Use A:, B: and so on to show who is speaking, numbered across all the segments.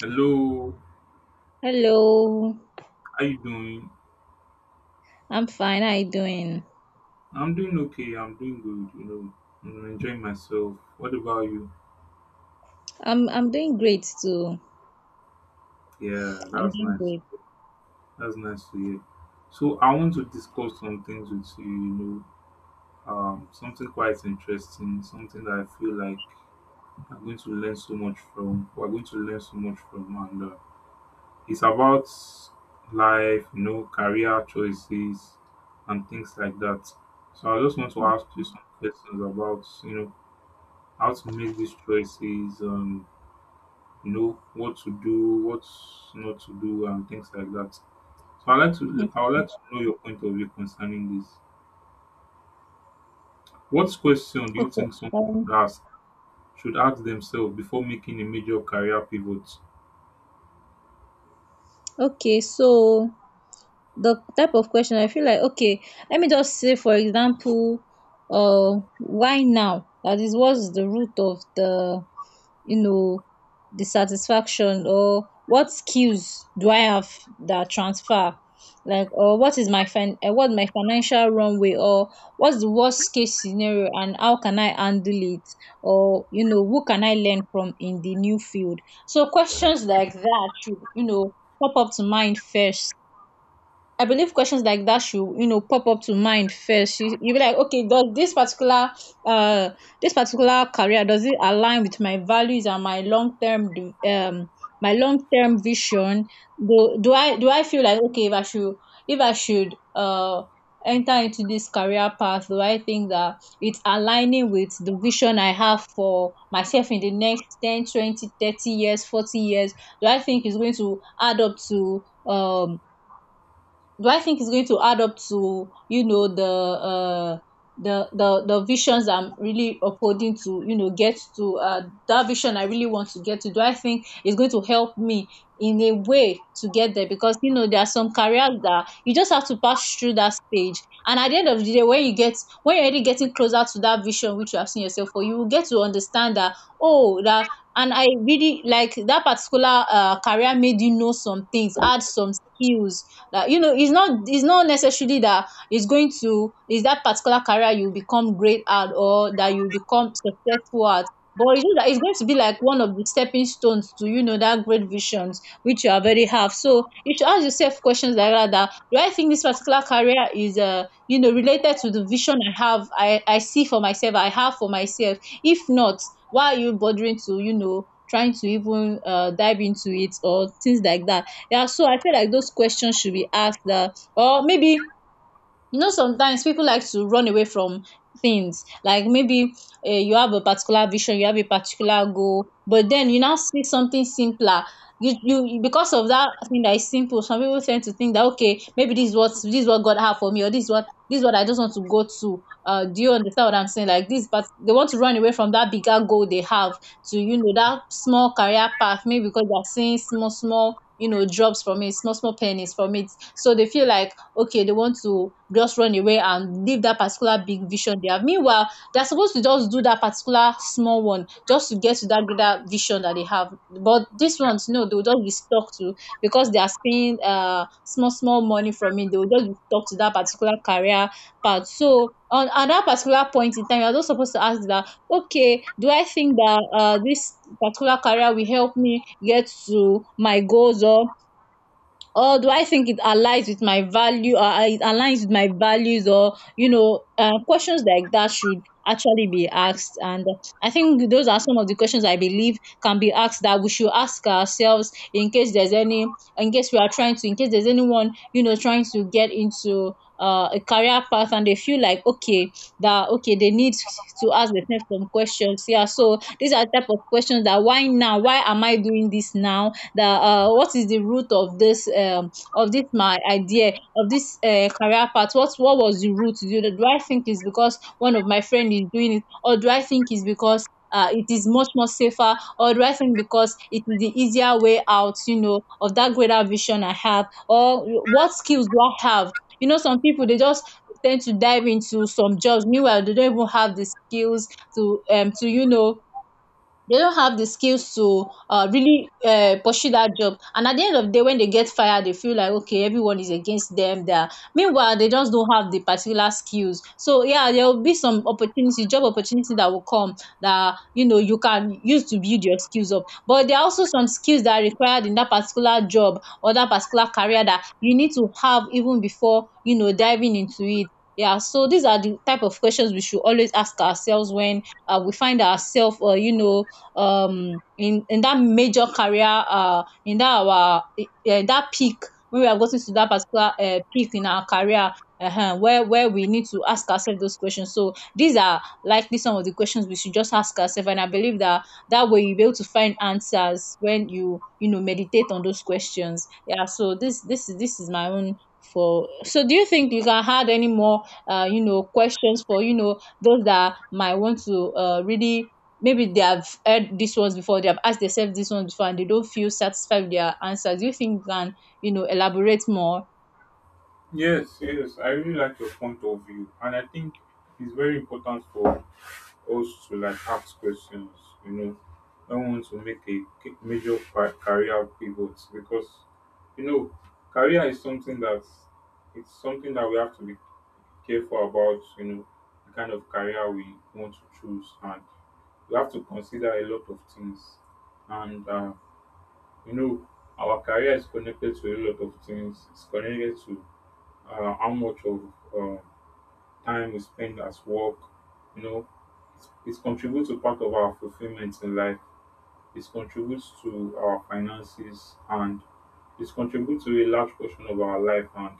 A: Hello,
B: Hello.
A: how you doing?
B: I'm fine. How you doing?
A: I'm doing okay. I'm doing good. You know, I'm enjoying myself. What about you?
B: I'm doing great too.
A: Yeah, that
B: I'm
A: was
B: doing
A: nice.
B: great.
A: That's nice to hear. So I want to discuss some things with you. Something quite interesting, something that I feel like I'm going to learn so much from. We're going to learn so much from, and it's about life. You know, career choices and things like that. So I just want to ask you some questions about how to make these choices, what to do, what not to do, and things like that. So
B: Mhm.
A: I would like to know your point of view concerning this. What question do you
B: Okay.
A: think someone should ask should ask themselves before making a major career pivot?
B: Okay, so the type of question I feel like, okay, let me just say for example, why now? That is, what's the root of the you know the satisfaction, or what skills do I have that transfer? Like, or what is my what my financial runway, or what's the worst case scenario, and how can I handle it, or you know, who can I learn from in the new field? So questions like that should pop up to mind first. I believe questions like that should, you know, pop up to mind first. You be like, okay, does uh this particular career, does it align with my values and my long term, um my long term vision? Do I feel like, okay, if I should, if I should uh enter into this career path, do I think that it's aligning with the vision I have for myself in the next 10, 20, 30 years, 40 years? Do I think it's going to add up to, do I think it's going to add up to you know, the the visions I'm really upholding to, you know, get to, that vision I really want to get to? Do I think it's going to help me in a way to get there? Because you know, there are some careers that you just have to pass through that stage, and at the end of the day, when you get, when you're already getting closer to that vision which you have seen yourself for, you will get to understand that, oh, that, and I really like that particular career made, you know, some things, add some skills that, you know, it's not, it's not necessarily that it's going to, is that particular career you become great at or that you become successful at, but it's just that it's going to be like one of the stepping stones to, you know, that great visions which you already have. So you should ask yourself questions like that, that, do I think this particular career is you know, related to the vision I have, I see for myself, I have for myself? If not, why are you bothering to, you know, trying to even, dive into it or things like that? Yeah, so I feel like those questions should be asked, that, or maybe, you know, sometimes people like to run away from things like, maybe, you have a particular vision, you have a particular goal, but then you now see something simpler. You because of that thing that is simple, some people tend to think that, okay, maybe this is what God have for me, or this is what I just want to go to. Do you understand what I'm saying? Like this, but they want to run away from that bigger goal they have, to, you know, that small career path, maybe because they're seeing small small, you know, jobs from it, small small pennies from it. So they feel like, okay, they want to just run away and leave that particular big vision they have. Meanwhile, they're supposed to just do that particular small one just to get to that greater vision that they have. But these ones, no, they'll just be stuck to, because they are spending small small money from it, they will just be stuck to that particular career path. So on at that particular point in time, you're just supposed to ask that, okay, do I think that this particular career will help me get to my goals, or do I think it aligns with my value, or it aligns with my values or you know, questions like that should actually be asked. And I think those are some of the questions I believe can be asked, that we should ask ourselves in case there's any, in case there's anyone, you know, trying to get into a career path, and they feel like, okay, that okay, they need to ask themselves some questions. Yeah, so these are type of questions that, why now, why am I doing this now, that what is the root of this, my idea of this career path, what was the root? Do I think it's because one of my friend is doing it, or do I think it's because it is much more safer, or do I think because it is the easier way out, you know, of that greater vision I have? Or what skills do I have? You know, some people they just tend to dive into some jobs, meanwhile they don't even have the skills to, to you know they don't have the skills to really pursue that job. And at the end of the day, when they get fired, they feel like, okay, everyone is against them. There, meanwhile, they just don't have the particular skills. So yeah, there will be some opportunity, job opportunity that will come, that you know, you can use to build your skills up. But there are also some skills that are required in that particular job or that particular career that you need to have even before, you know, diving into it. Yeah, so these are the type of questions we should always ask ourselves when, we find ourselves, you know, in that major career, in that our that peak, when we are getting to that particular peak in our career, where we need to ask ourselves those questions. So these are likely some of the questions we should just ask ourselves, and I believe that that way you'll be able to find answers when you know, meditate on those questions. Yeah, so this is my own for. So do you think you can add any more, you know, questions for, you know, those that might want to, really, maybe they have heard these ones before, they have asked themselves this one before, and they don't feel satisfied with their answers? Do you think you can, you know, elaborate more?
A: Yes, yes, I really like your point of view, and I think it's very important for also like ask questions you know I don't want to make a career pivot because you know career is something that, it's something that we have to be careful about. The kind of career we want to choose, and we have to consider a lot of things. And uh, you know our career is connected to a lot of things. It's connected to, how much of, uh, time we spend at work. you know it contributes to part of our fulfillment in life. It contributes to our finances, and it contributes to a large portion of our life. And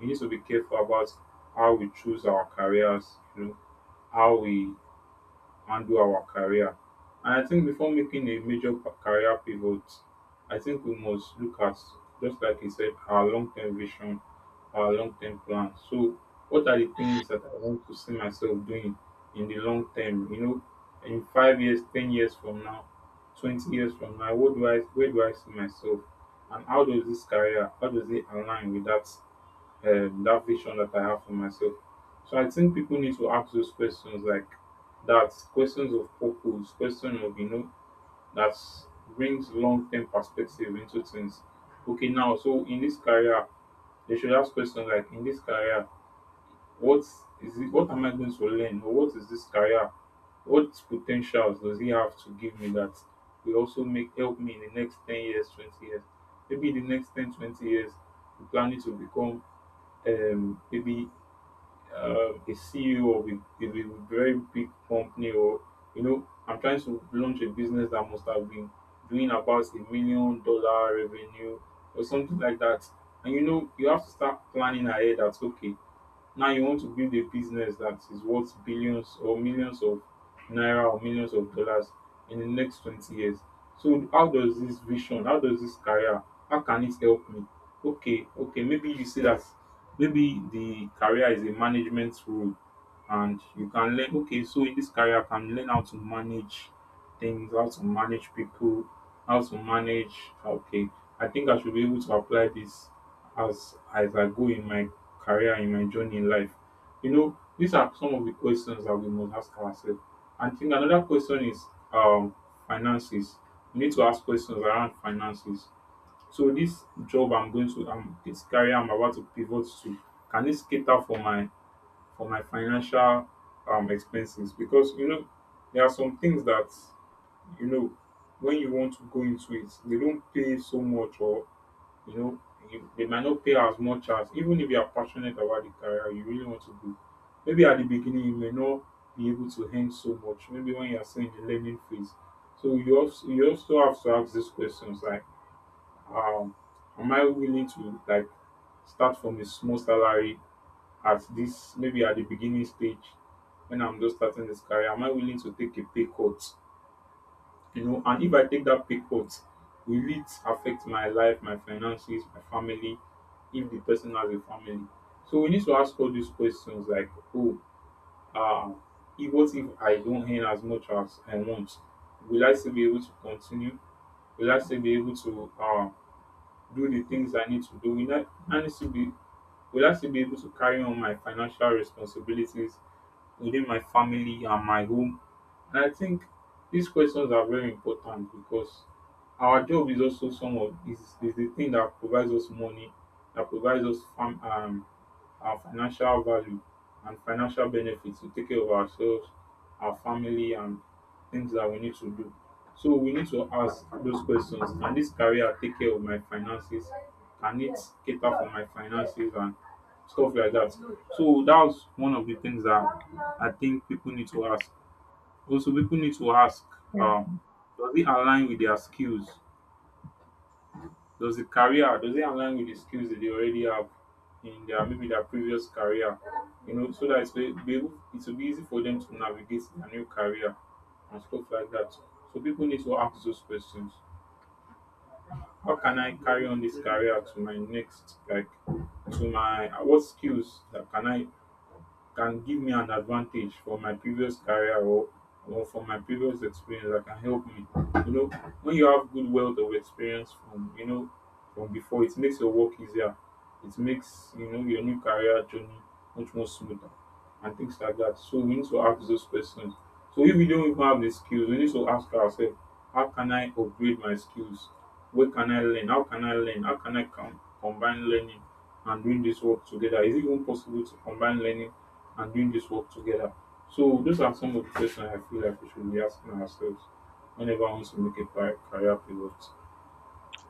A: we need to be careful about how we choose our careers, you know, how we handle our career. And I think before making a major career pivot, I think we must look at, just like you said, our long term vision, our long term plan. So, what are the things that I want to see myself doing in the long term? You know, in 5 years, 10 years from now, 20 years from now, what do I, where do I see myself? And how does this career, how does it align with that that vision that I have for myself? So I think people need to ask those questions like that, questions of purpose, question of that brings long term perspective into things. Okay, now so in this career, they should ask questions like, in this career, what is it? What am I going to learn? Or what is this career? What potentials does he have to give me that will also make help me in the next 10 years, 20 years? Maybe in the next 10, 20 years, I'm planning to become maybe a CEO of of a very big company, or you know, I'm trying to launch a business that must have been doing about a million dollar revenue or something like that. And you know, you have to start planning ahead. That's okay, now you want to build a business that is worth billions or millions of naira or millions of dollars in the next 20 years. So how does this vision, how does this career, how can it help me? Okay, okay, maybe you see that maybe the career is a management role, and you can learn, okay, so in this career I can learn how to manage things, how to manage people, how to manage, okay. I think I should be able to apply this as I go in my career, in my journey in life. You know, these are some of the questions that we must ask ourselves. And I think another question is um, finances. We need to ask questions around finances. So this job I'm going to, this career I'm about to pivot to, can this cater for my, for my financial expenses? Because you know, there are some things that you know when you want to go into it, they don't pay so much, or you know, they might not pay as much, as even if you are passionate about the career you really want to do. Maybe at the beginning you may not be able to earn so much. Maybe when you are still in the learning phase, so you also have to ask these questions like, um, am I willing to like start from a small salary at this, maybe at the beginning stage, when I'm just starting this career? Am I willing to take a pay cut? You know, and if I take that pay cut, will it affect my life, my finances, my family, if the person has a family? So we need to ask all these questions like, oh, uh if, what if I don't earn as much as I want? Will I still be able to continue? Will I still be able to do the things I need to do will I need to be Will I still be able to carry on my financial responsibilities within my family and my home? And I think these questions are very important because our job is also some of is the thing that provides us money, that provides us our financial value and financial benefits to take care of ourselves, our family, and things that we need to do. So we need to ask those questions: can this career take care of my finances? Can it cater for my finances and stuff like that? So that's one of the things that I think people need to ask. Also, people need to ask, um, does it align with their skills? Does it align with the skills that they already have in their, maybe their previous career? You know, so that it's be able, it will be easy for them to navigate their new career and stuff like that. So people need to ask those questions. How can I carry on this career to my next, like to my, what skills that can give me an advantage for my previous career, or from my previous experience, that can help me. You know, when you have good wealth of experience from from before, it makes your work easier. It makes you know your new career journey much more smoother and things like that. So we need to ask those questions. So if we don't even have the skills, we need to ask ourselves, how can I upgrade my skills? Where can I learn? How can I learn? How can I combine learning and doing this work together? Is it even possible to combine learning and doing this work together? So those are some of the questions I feel like we should be asking ourselves whenever I want to make a career pivot.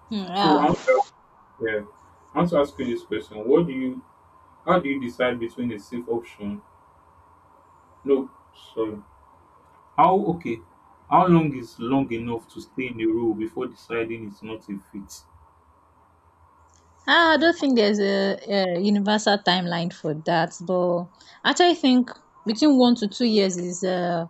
B: Hmm,
A: So
B: yeah.
A: I want to ask, yeah, I want to ask you this question: what do you, how do you decide between a safe option? No, sorry. How, okay? How long is long enough to stay in a role before deciding it's not a fit?
B: Ah, I don't think there's a universal timeline for that, but actually, I think between 1 to 2 years is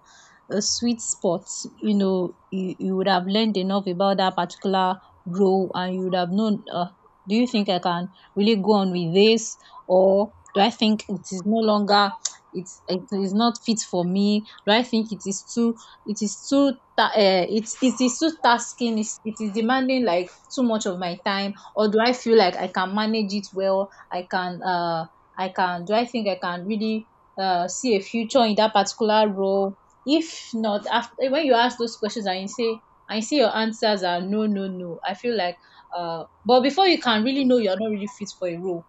B: a sweet spot. You know, you would have learned enough about that particular role, and you would have known. Do you think I can really go on with this, or do I think it is no longer, it is not fit for me? Do I think it is too it is it is too tasking? It is demanding like too much of my time? Or do I feel like I can manage it well? I think I can really see a future in that particular role? If not, after when you ask those questions and you say and you see your answers are no, no, no, I feel like, but before you can really know you're not really fit for a role,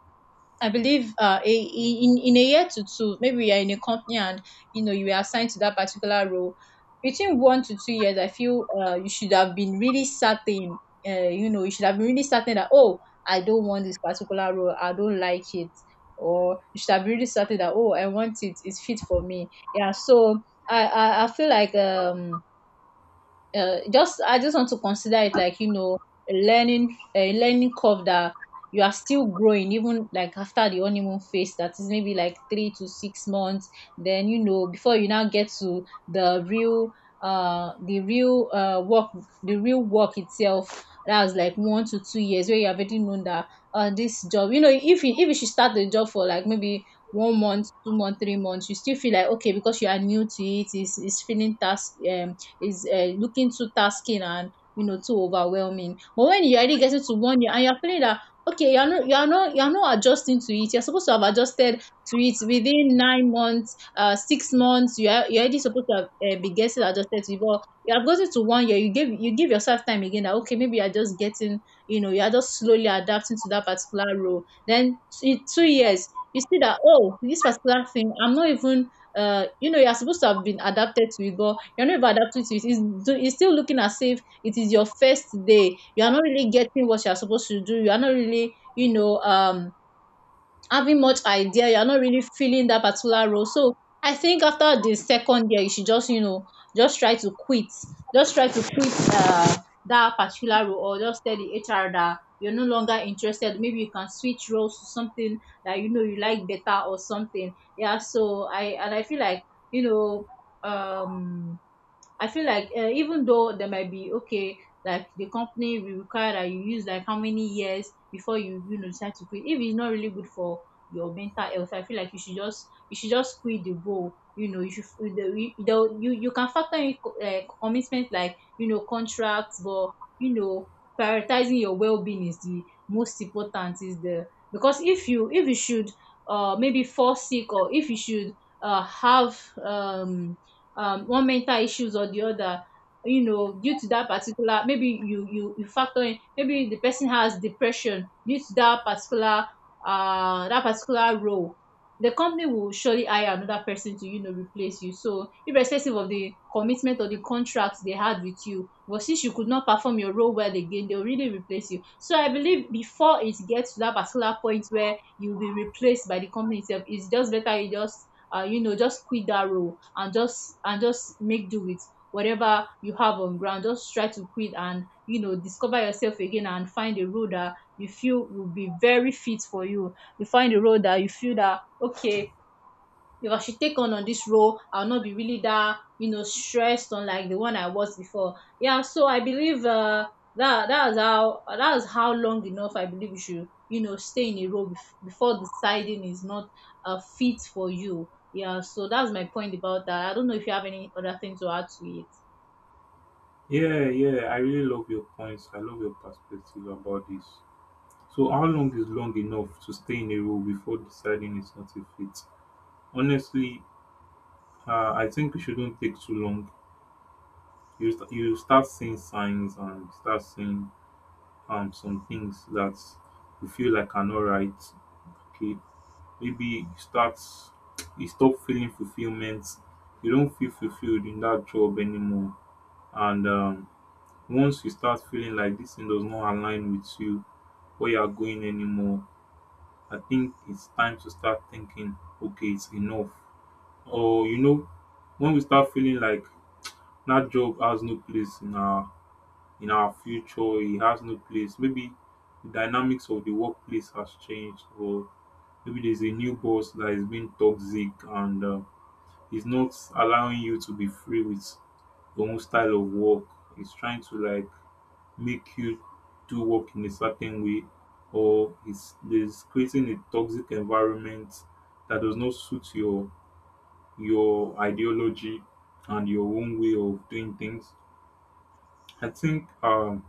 B: I believe, in a year to two, maybe you are in a company and you know you are assigned to that particular role. Between 1 to 2 years, I feel you should have been really certain. You know, you should have been really certain that, oh, I don't want this particular role. I don't like it. Or you should have really certain that, oh, I want it. It's fit for me. Yeah. So I feel like just I just want to consider it like, you know, a learning curve, that you are still growing even like after the honeymoon phase, that is maybe like 3 to 6 months, then you know, before you now get to the real, work, the real work itself, that was like 1 to 2 years, where you have already known that, this job, you know, if you should start the job for like maybe 1 month, 2 month, 3 months, you still feel like, okay, because you are new to it, it's feeling task, is looking too tasking and you know, too overwhelming. But when you already get it to 1 year and you're feeling that, okay, you're not adjusting to it. You're supposed to have adjusted to it within 9 months, 6 months. You're already supposed to have be getting adjusted to it. But you have gotten to 1 year. You give yourself time again. That okay, maybe you're just getting you're just slowly adapting to that particular role. Then 2 years. You see that, oh, this particular thing I'm not even you're supposed to have been adapted to it, but you're not even adapting to it. It's still looking as if it is your first day. You are not really getting what you're supposed to do. You are not really, you know, having much idea. You are not really feeling that particular role. So I think after the second year, you should just, you know, just try to quit. Just try to quit that particular role, or just tell the HR that you're no longer interested. Maybe you can switch roles to something that you know you like better or something. Yeah, so I feel like, you know, um I feel like even though there might be okay, like the company will require that you use like how many years before you you know decide to quit. If it's not really good for your mental health, I feel like you should just quit the role. You know, you should the, you can factor in commitment like, you know, contracts, but, you know, prioritizing your well being is the most important. Is the because if you should maybe fall sick, or if you should have um one mental issues or the other, you know, due to that particular, maybe you factor in, maybe the person has depression due to that particular that particular role. The company will surely hire another person to, you know, replace you. So irrespective of the commitment or the contract they had with you, but since you could not perform your role well again, they'll really replace you. So I believe before it gets to that particular point where you'll be replaced by the company itself, it's just better you just you know, just quit that role and just make do with whatever you have on ground. Just try to quit, and you know, discover yourself again and find a role that you feel will be very fit for you. You find a role that you feel that okay, if I should take on this role, I'll not be really that, you know, stressed on like the one I was before. Yeah, so I believe that is how long enough I believe you should, you know, stay in a role before deciding is not fit for you. Yeah, so that's my point about that. I don't know if you have any other thing to add to it.
A: Yeah, yeah. I really love your points. I love your perspective about this. So how long is long enough to stay in a role before deciding it's not a fit? Honestly, I think it shouldn't take too long. You start seeing signs and start seeing some things that you feel like are not right. Okay, maybe you stop feeling fulfillment. You don't feel fulfilled in that job anymore. And once you start feeling like this thing does not align with you, where you are going anymore, I think it's time to start thinking. Okay, it's enough. Or you know, when we start feeling like that job has no place in our, in our future, he has no place. Maybe the dynamics of the workplace has changed, or maybe there's a new boss that is being toxic, and he's not allowing you to be free with your own style of work. He's trying to like make you do work in a certain way, or he's creating a toxic environment that does not suit your ideology and your own way of doing things. I think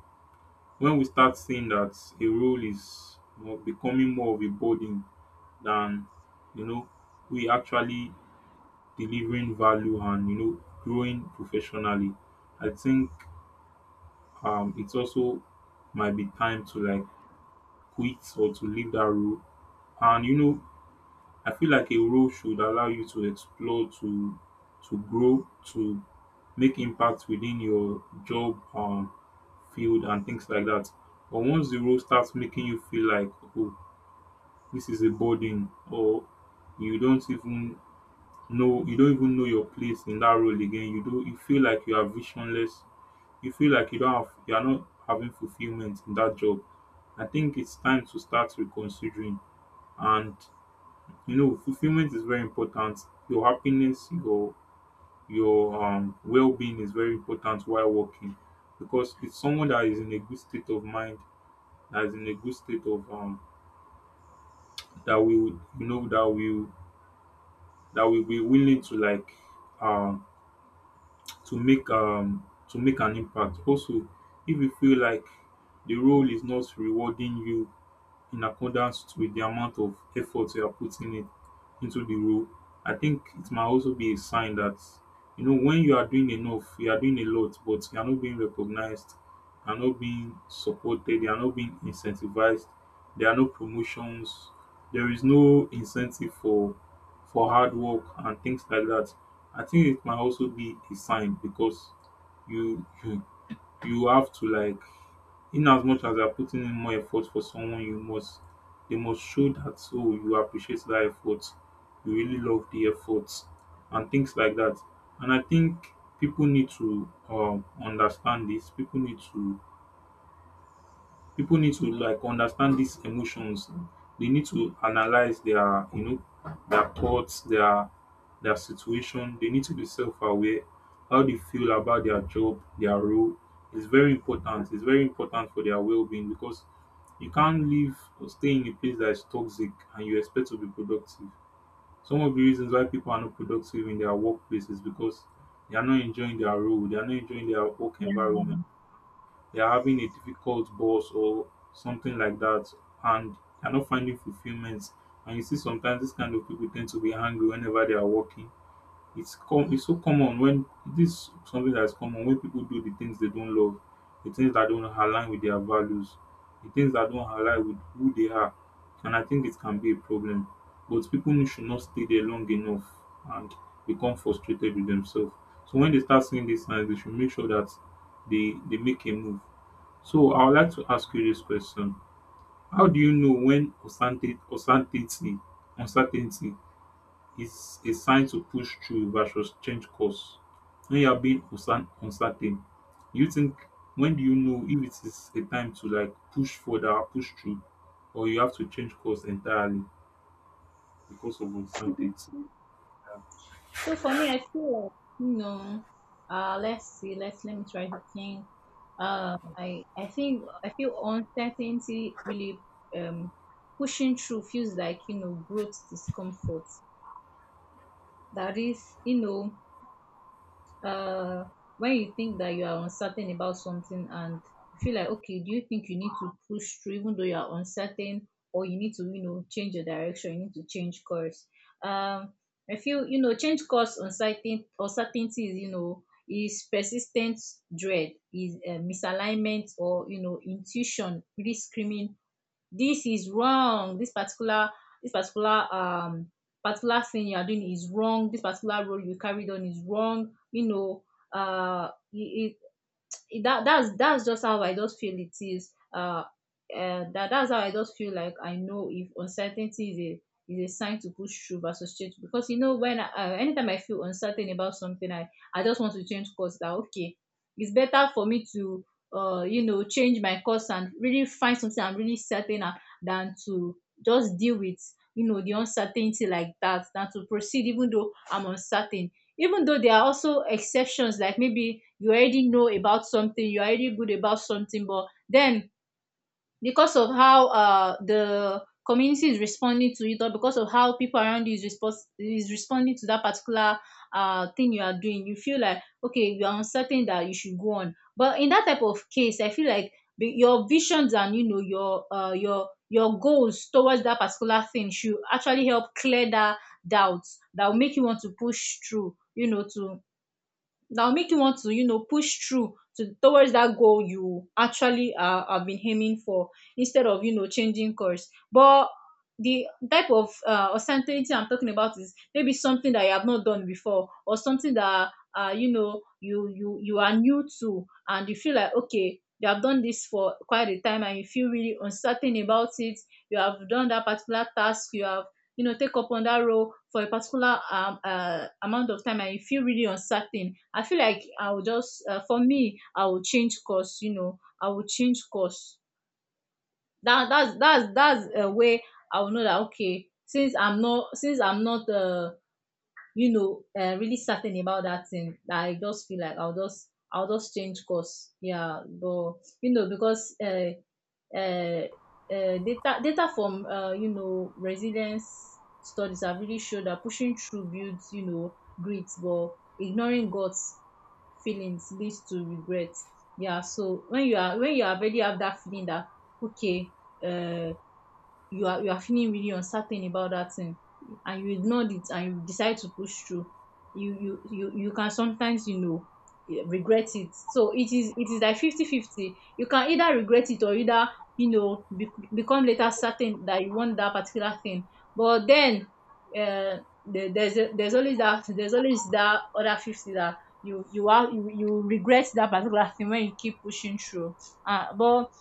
A: when we start seeing that a role is becoming more of a burden than you know we actually delivering value and you know growing professionally, I think it's also might be time to like quit or to leave that role. And you know, I feel like a role should allow you to explore, to grow, to make impact within your job, field and things like that. But once the role starts making you feel like, oh, this is a burden or you don't even you don't even know your place in that role again, you feel like you are visionless, you feel like you don't have you are not having fulfillment in that job, I think it's time to start reconsidering. And fulfillment is very important. Your happiness, your well-being is very important while working, because it's someone that is in a good state of mind, that is in a good state of that will that will be willing to um to make um to make an impact. Also, if you feel like the role is not rewarding you in accordance with the amount of effort you are putting it into the role, I think it might also be a sign that, you know, when you are doing enough, you are doing a lot, but you are not being recognized, you are not being supported, you are not being incentivized, there are no promotions, there is no incentive for hard work and things like that. I think it might also be a sign, because you you have to like, in as much as you are putting in more effort for someone, you must, they must show that, oh, you appreciate that effort, you really love the effort and things like that. And I think people need to understand this, people need to, people need to understand these emotions. They need to analyze their, you know, their thoughts, their situation. They need to be self-aware. How they feel about their job, their role, it's very important. It's very important for their well-being, because you can't live or stay in a place that is toxic and you expect to be productive. Some of the reasons why people are not productive in their workplace is because they are not enjoying their role, they are not enjoying their work
B: Yeah.
A: environment, they're having a difficult boss or something like that, and they're not finding fulfillment. And you see sometimes this kind of people tend to be angry whenever they are working. It's so common when this something that's common when people do the things they don't love, the things that don't align with their values, the things that don't align with who they are. And I think it can be a problem, but people should not stay there long enough and become frustrated with themselves. So when they start seeing these signs, they should make sure that they make a move. So I would like to ask you this question. How do you know when uncertainty is a sign to push through versus change course? When you are being uncertain, you think, when do you know if it is a time to like push further or push through, or you have to change course entirely because of uncertainty?
B: So for me, I feel like, you know, let's let me try to think. I think I feel uncertainty really um pushing through feels like, you know, growth discomfort. That is, you know, uh when you think that you are uncertain about something, and you feel like, okay, do you think you need to push through even though you are uncertain, or you need to, you know, change your direction, you need to change course. um I feel, you know, change course, uncertainty is, you know, is persistent dread, is misalignment, or, you know, intuition really screaming this is wrong. This particular thing you are doing is wrong, this particular role you carried on is wrong, you know. uh it, that's that's just how I just feel it is. And that's how I just feel like I know if uncertainty is a sign to push through versus change. Because you know when anytime I feel uncertain about something, I just want to change course. That okay, it's better for me to you know, change my course and really find something I'm really certain of than to just deal with, you know, the uncertainty like that, than to proceed even though I'm uncertain. Even though there are also exceptions, like maybe you already know about something, you're already good about something, but then because of how the community is responding to it, or because of how people around you is responding to that particular thing you are doing, you feel like okay, you are uncertain that you should go on. But in that type of case I feel like your visions and, you know, your your goals towards that particular thing should actually help clear that doubt, that will make you want to push through, you know, to that will make you want to you know, push through to towards that goal you actually have been aiming for, instead of, you know, changing course. But the type of uncertainty I'm talking about is maybe something that you have not done before, or something that you know, you are new to, and you feel like okay, you have done this for quite a time and you feel really uncertain about it. You have done that particular task, you have, you know, take up on that role for a particular amount of time, and you feel really uncertain. I feel like I will just for me I will change course, you know, I will change course. That's that's a way I will know that okay, since I'm not, since I'm not you know, really certain about that thing, that I just feel like I'll just change course. Yeah, but you know, because uh, data from you know, resilience studies have really showed that pushing through builds, you know, grit, but ignoring guts feelings leads to regret. Yeah, so when you are when you already have that feeling that okay, uh, you are feeling really uncertain about that thing, and you ignored it, and you decide to push through, you can sometimes, you know, regret it. So it is like 50 50. You can either regret it or either, you know, become later certain that you want that particular thing. But then uh, there's always that other 50, that you regret that particular thing when you keep pushing through. But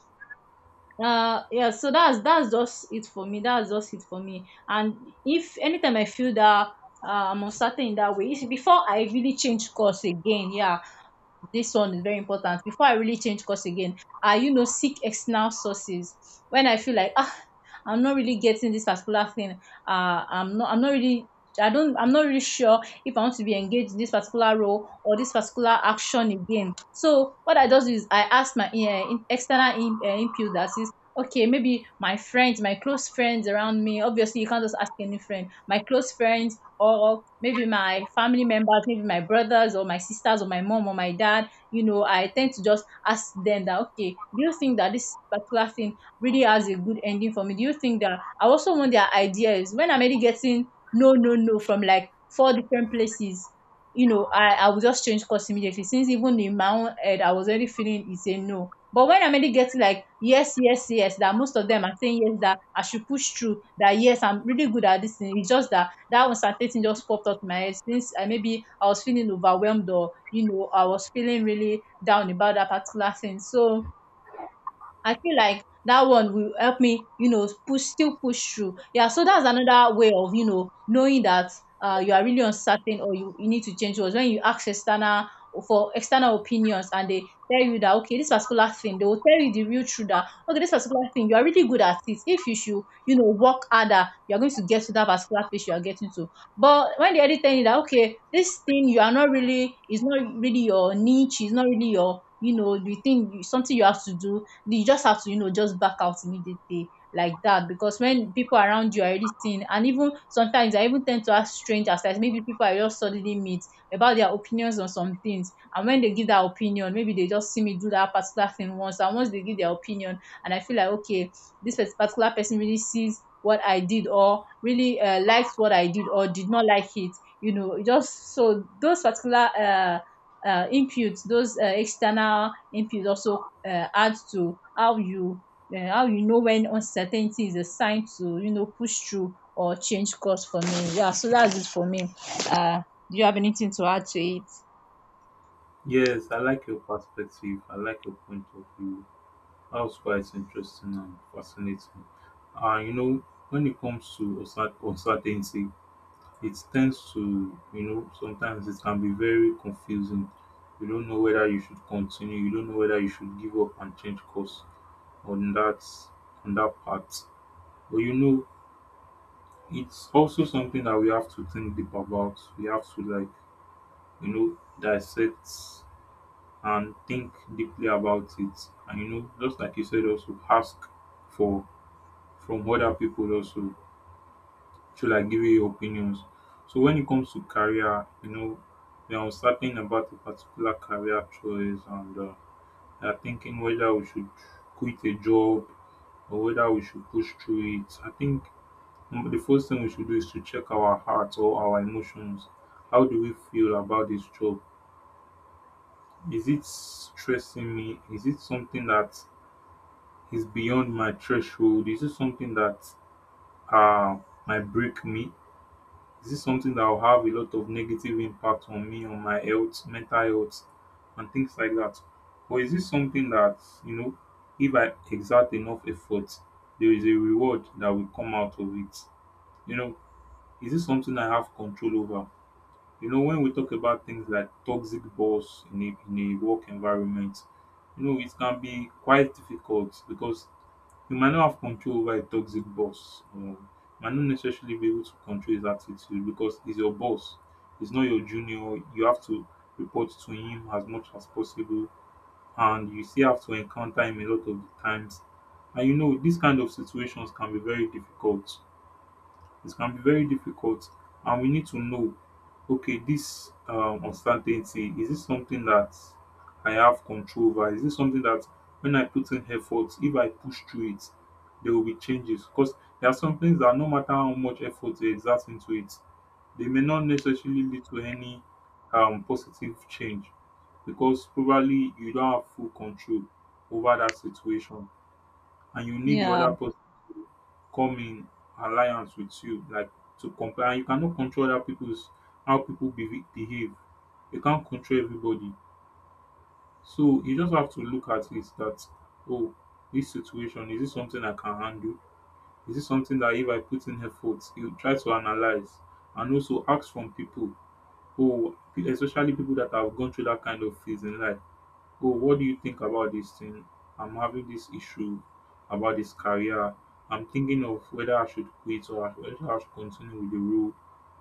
B: yeah, so that's just it for me, and if anytime I feel that I'm uncertain in that way, it's before I really change course again. Yeah, this one is very important. Before I really change course again, I, you know, seek external sources. When I feel like, ah, I'm not really getting this particular thing, uh i'm not i'm not really I don't, I'm not really sure if I want to be engaged in this particular role or this particular action again. So what I just do is I ask my external input. That is okay, maybe my friends, my close friends around me. Obviously you can't just ask any friend. My close friends, or maybe my family members, maybe my brothers or my sisters, or my mom or my dad, you know, I tend to just ask them that okay, do you think that this particular thing really has a good ending for me? Do you think that I also want their ideas when I'm already getting no, no, no, from like 4 different places. You know, I will just change course immediately, since even in my own head, I was already feeling it's a no. But when I'm already getting like, "Yes, yes, yes," that most of them are saying yes, that I should push through, that, "Yes, I'm really good at this thing." It's just that that uncertain thing just popped up in my head since I, maybe I was feeling overwhelmed, or, you know, I was feeling really down about that particular thing. So I feel like that one will help me, you know, push still push through. Yeah, so that's another way of, you know, knowing that you are really uncertain or you need to change, was when you ask external for external opinions, and they tell you that okay, this particular thing, they will tell you the real truth that okay, this particular thing, you are really good at it. If you should, you know, work harder, you are going to get to that particular place you are getting to. But when they already tell you that okay, this thing you are not really, it's not really your niche, it's not really your, you know, the thing you, something you have to do, you just have to, you know, just back out immediately like that. Because when people around you are already seeing, and even sometimes I even tend to ask strangers, like maybe people I just suddenly meet, about their opinions on some things. And when they give that opinion, maybe they just see me do that particular thing once, and once they give their opinion, and I feel like okay, this particular person really sees what I did, or really liked what I did or did not like it, you know, just so those particular inputs, those external inputs also adds to how you know when uncertainty is a sign to, you know, push through or change course for me. Yeah, so that's it for me. Uh, do you have anything to add to it?
A: Yes, I like your perspective. I like your point of view. That was quite interesting and fascinating. You know, when it comes to uncertainty, it tends to, you know, sometimes it can be very confusing. You don't know whether you should continue. You don't know whether you should give up and change course on that part. But you know, it's also something that we have to think deep about. We have to like, you know, dissect and think deeply about it. And you know, just like you said, also ask for from other people also through like giving your opinions. So when it comes to career, you know, they are uncertain about a particular career choice, and we are thinking whether we should quit a job or whether we should push through it. I think the first thing we should do is to check our hearts or our emotions. How do we feel about this job? Is it stressing me? Is it something that is beyond my threshold? Is it something that uh, might break me? Is this something that will have a lot of negative impact on me, on my health, mental health, and things like that? Or is this something that, you know, if I exert enough effort, there is a reward that will come out of it? You know, is this something I have control over? You know, when we talk about things like toxic boss in a work environment, you know, it can be quite difficult, because you might not have control over a toxic boss. Or you might not necessarily be able to control his attitude because he's your boss. He's not your junior. You have to report to him as much as possible, and you still have to encounter him a lot of the times. And you know, these kind of situations can be very difficult, it can be very difficult and we need to know, okay, this uncertainty, is this something that I have control over? Is this something that when I put in effort, if I push through it, there will be changes? Because there are some things that no matter how much effort they exert into it, they may not necessarily lead to any positive change, because probably you don't have full control over that situation, and you need the
B: Yeah.
A: other person come in alliance with you, like to comply. And you cannot control other people's, how people behave. You can't control everybody. So you just have to look at it that, oh, this situation, is this something I can handle? Is this something that if I put in effort? You try to analyze and also ask from people, oh, especially people that have gone through that kind of phase in life. Oh, what do you think about this thing? I'm having this issue about this career. I'm thinking of whether I should quit or whether I should continue with the role.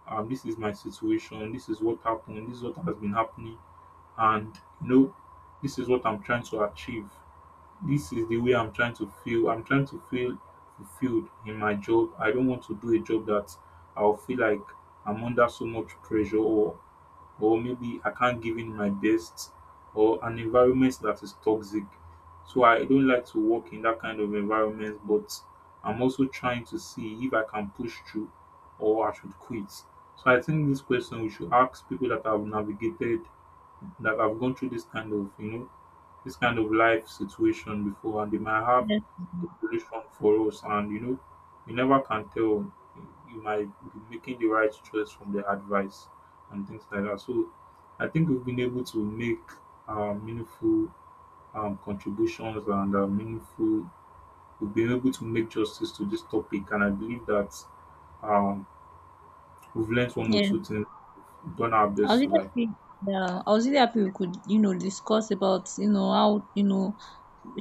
A: Um, this is my situation, this is what happened, this is what has been happening. And you know, this is what I'm trying to achieve. This is the way I'm trying to feel. I'm trying to feel fulfilled in my job. I don't want to do a job that I'll feel like I'm under so much pressure, or maybe I can't give in my best, or an environment that is toxic. So I don't like to work in that kind of environment, but I'm also trying to see if I can push through or I should quit. So I think this question we should ask people that have navigated, that have gone through this kind of, you know, this kind of life situation before, and they might have
B: Yeah.
A: a solution for us. And you know, you never can tell, you might be making the right choice from their advice and things like that. So I think we've been able to make meaningful contributions, and meaningful, we've been able to make justice to this topic. And I believe that um, we've learned one or
B: Yeah.
A: two things, done our
B: I was
A: best to
B: really
A: like
B: happy. Yeah, I was really happy we could, you know, discuss about, you know, how, you know,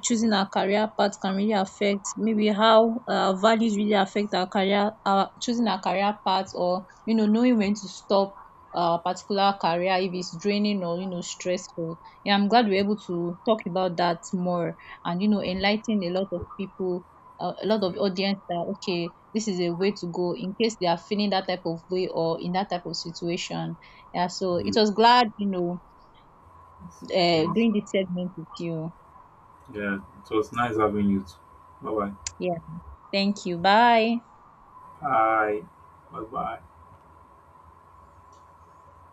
B: choosing our career path can really affect, maybe how our values really affect our career, our choosing our career path, or, you know, knowing when to stop a particular career if it's draining or, you know, stressful. Yeah, I'm glad we're able to talk about that more, and, you know, enlighten a lot of people, a lot of
A: yeah,
B: audience, that okay, this is a way to go in case they are feeling that type of way or in that type of situation. Yeah, so
A: yeah.
B: it was glad, you know,
A: Okay,
B: doing this segment with you.
A: yeah, it was nice having you. Bye bye.
B: Yeah. Thank you. Bye.
A: All right. Bye bye.